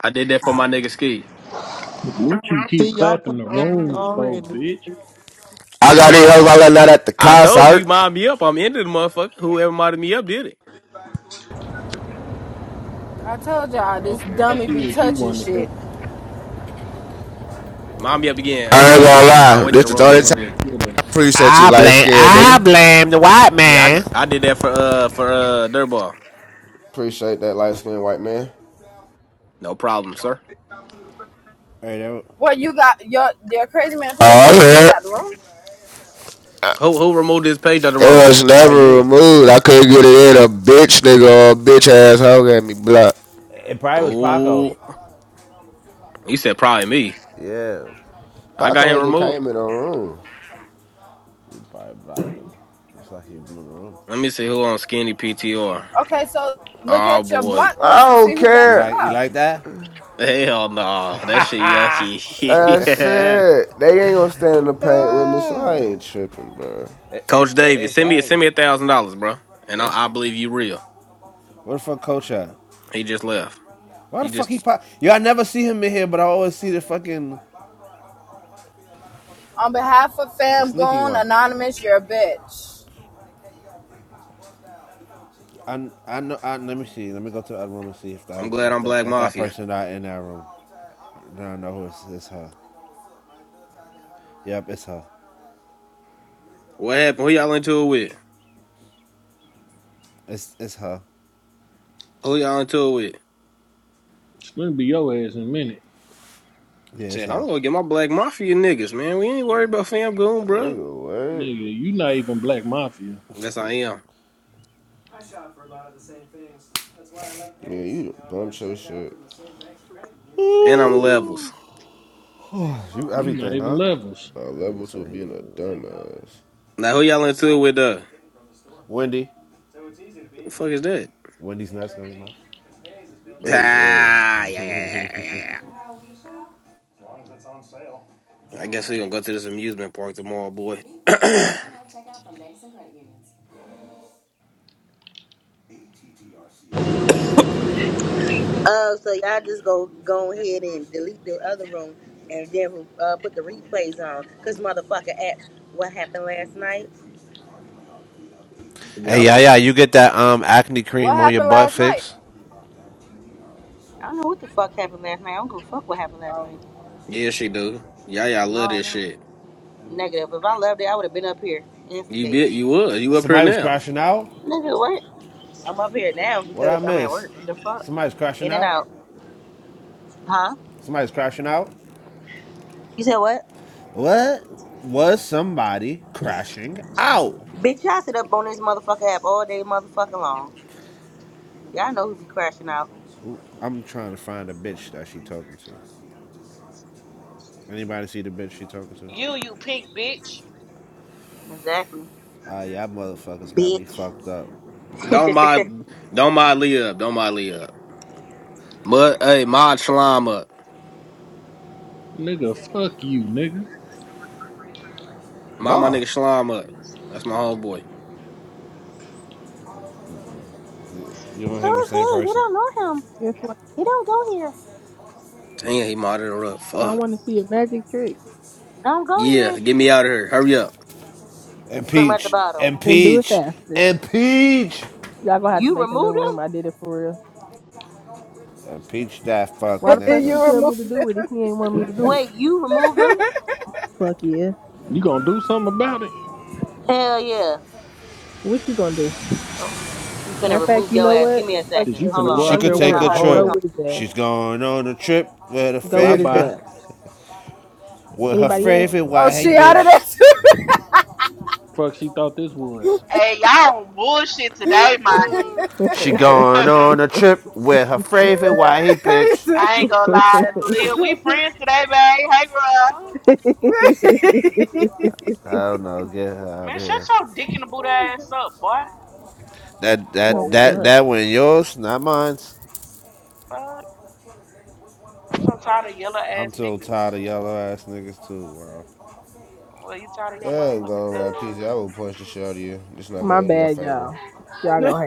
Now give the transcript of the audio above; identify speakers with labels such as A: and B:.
A: I did that for my nigga Ski.
B: What you
C: See,
B: keep
C: y'all
B: clapping the
C: playing games
B: room for, bitch?
C: already.
D: I got these
A: I,
D: hoes I let out at the
A: I told you,
D: concert.
A: mind me up. I'm into the motherfucker. Whoever minded me up did it.
E: I told y'all this
B: Okay, I
E: dummy be
B: see what you
E: touching
B: want to do.
E: shit.
A: Mind me up again.
D: I
A: Uh,
D: ain't gonna
A: re- well, nah,
D: lie.
A: wait till
D: This
A: the
D: is the
A: room get
B: Ain't
D: only
A: a little
D: time
B: out and
A: bigger.
B: up.
D: I appreciate you,
F: I
D: light
F: blame
D: skinned
F: I
D: nigga.
F: blame the white
A: Yeah, I
F: man.
A: I did that for uh for uh Dirtball.
D: Appreciate that light skinned white man.
A: No problem, sir.
F: Hey, that was
E: Well, you got your your crazy
D: Oh,
E: man page
D: i
E: got removed out the room.
A: Who who removed this page out of the
D: It
A: room?
D: was
F: probably
D: never
F: you.
D: removed. I couldn't get it in. A bitch nigga or a bitch ass hoe got me blocked.
F: It probably was Paco.
A: Oh, you said probably me.
F: Yeah,
A: I got
D: Paco
A: him
D: had just came
A: removed.
D: in the room.
F: you probably Paco. him. Looks like he was in the room.
A: Let me see who on Skinny PTR.
E: Okay, so look
A: Oh
E: at your
A: boy,
E: block list
D: I
E: and
D: don't
E: see who
F: You
E: got you
F: like
D: care.
F: you
E: blocked.
F: like that?
A: hell no, that shit
D: I
A: yucky.
D: said they ain't gonna stand in the paint with me, so
F: Ah,
D: I ain't tripping, bro.
F: It,
A: Coach
F: it, it,
A: Davis, send me
F: dang.
A: send me a thousand dollars, bro, and
F: eh.
A: I, I believe you real.
F: Where the fuck coach at?
A: He just left.
F: Why the
A: He
F: fuck
A: just
F: he pop? Yo, I never see him in here, but I always see the fucking.
E: On behalf of
F: That's a
E: Fam
F: sneaky
E: Goon
F: one.
E: Anonymous, you're a bitch.
F: I I know. I, let me see. Let me go to the other room and see if that
A: I'm glad
F: if
A: I'm
F: that
A: Black
F: if that
A: Mafia.
F: person not in that room. Then I know who it's, it's her. Yep, it's her.
A: What happened? Who y'all into it with?
F: It's it's her.
A: Who y'all into it with?
B: It's gonna be your ass in a minute.
F: Yeah, it's
A: Said,
F: her.
A: I'm gonna get my Black Mafia niggas, man. We ain't worried about fam goon, bro.
D: Nigga, what?
B: Nigga, you not even Black Mafia.
A: Yes, I am.
D: payments. Yeah, you the show shit.
A: And I'm
F: you
A: levels.
B: You not
F: everything,
B: even
F: huh?
B: Levels.
D: My
F: That nigga
D: level to
F: said he.
D: being a
F: Uh,
D: dumbass.
A: Now, who y'all into it with, uh?
F: Wendy.
A: The fuck is that?
F: Wendy's nuts going in your mouth.
D: Hey, yo.
A: Ah, yeah, yeah, yeah, yeah, yeah. yeah. I guess we gonna go to this amusement park tomorrow, boy.
G: Uh, so y'all just go go ahead and delete the other room, and then uh, put the replays on. Cause motherfucker asked what happened last night.
F: Hey,
A: yep.
F: yeah, yeah. You get that um acne
E: What
F: cream on your
E: happened
F: butt
E: last night?
F: fix?
G: I don't know what the fuck happened last night. I don't give a fuck what happened last night.
A: Yeah, she do. Yeah, yeah, I
G: No,
A: love
G: I
A: this
G: don't.
A: shit.
G: Negative. If I loved it, I would have been up here
A: You bit,
G: instigating.
A: you would. You up here
F: Somebody was
A: now.
F: crashing out.
G: Nigga, what? I'm up here now
F: What I
G: because I'm at
F: miss?
G: work. The fuck?
F: Somebody's crashing
G: In and
F: out.
G: out. Huh?
F: Somebody's crashing out.
G: You said what?
F: What was somebody crashing out?
G: Bitch, y'all sit up on this motherfucker app all day motherfucking long. Y'all know who be crashing out.
F: Who- I'm trying to find a bitch that she talking to. Anybody see the bitch she talking to?
H: You, you pink bitch.
G: Exactly.
F: Ah, uh, yeah, motherfuckers got me
G: Bitch.
F: fucked up.
G: Who's
A: Don't mind, don't mind Lee up. Don't mind Lee up. Mud, hey, mod slime up.
B: Nigga, fuck you, nigga.
A: Mod my
F: Nah.
A: nigga Slime up. That's my homeboy.
F: you and him the same
G: he? We
F: person.
G: don't know him.
I: It's like
G: You don't go here.
A: Damn, he modded her up.
I: I
A: Fuck.
I: want to see a magic trick
G: Don't go
A: Yeah,
G: here.
A: get me out of here. Hurry up.
G: Put him at the
F: Impeach.
G: bottom.
I: and do it
F: Impeach.
I: faster.
F: Impeach.
I: Y'all gonna have to
G: You
I: make a new
G: removed them?
I: room. I did it for real.
F: Impeach that fuck
I: Why the fuck you
E: you
F: nigga.
I: tell me to
E: removed it.
I: do it if you ain't want me to do it?
G: Wait, you removed them?
I: Fuck yeah.
B: You gonna do something about it?
G: Hell yeah.
I: What you gonna do?
G: Oh, I'm
I: Matter
G: gonna
I: of fact,
G: remove
I: you
G: your
I: know
G: ass. Give
I: what?
G: me a
I: Fuck
B: Shit,
G: second.
B: you
I: that
G: Hold
B: finna
I: bitch.
B: go
G: on.
F: She
G: Let
B: out
I: Don't
F: could
G: me
B: there
I: even
G: tell
I: worry
G: my
F: take
B: with
F: a
B: him.
I: about it.
G: homeboy. Come
I: Go
F: trip.
B: Hold up.
I: with his ass.
F: She's going on a trip with her
I: Go with his
B: Bye-bye.
F: favorite
I: ass.
F: with her
D: My
I: Anybody else?
D: mama
F: favorite
D: wanted
E: Oh,
D: a
F: white
E: she
D: hot
E: out of
D: dog.
F: bitch.
E: this.
B: Fuck she thought this was.
H: Hey, y'all on bullshit today, man.
F: She going
H: I
F: on a trip with her favorite white bitch.
H: ain't gonna lie to Lil. We friends today, babe. Hey, girl.
F: I don't know, get her out of
H: Man, shut
F: here.
H: your dick in the boot ass up, boy.
F: That
I: no
F: that
E: Whoa.
F: that
I: fuck.
B: Damn.
F: that one yours, not mine.
H: Fuck. I'm so tired of yellow
F: I'm
H: ass
F: so
H: niggas.
F: tired of yellow ass niggas too, bro.
H: Well, you tired of your
D: I ain't
H: motherfucking
D: gonna
H: self,
D: lie,
H: huh?
D: PZ. I will punch the shit out of you. It's not gonna
I: My
D: end in your
I: bad,
D: favor.
I: y'all. Y'all gonna hate.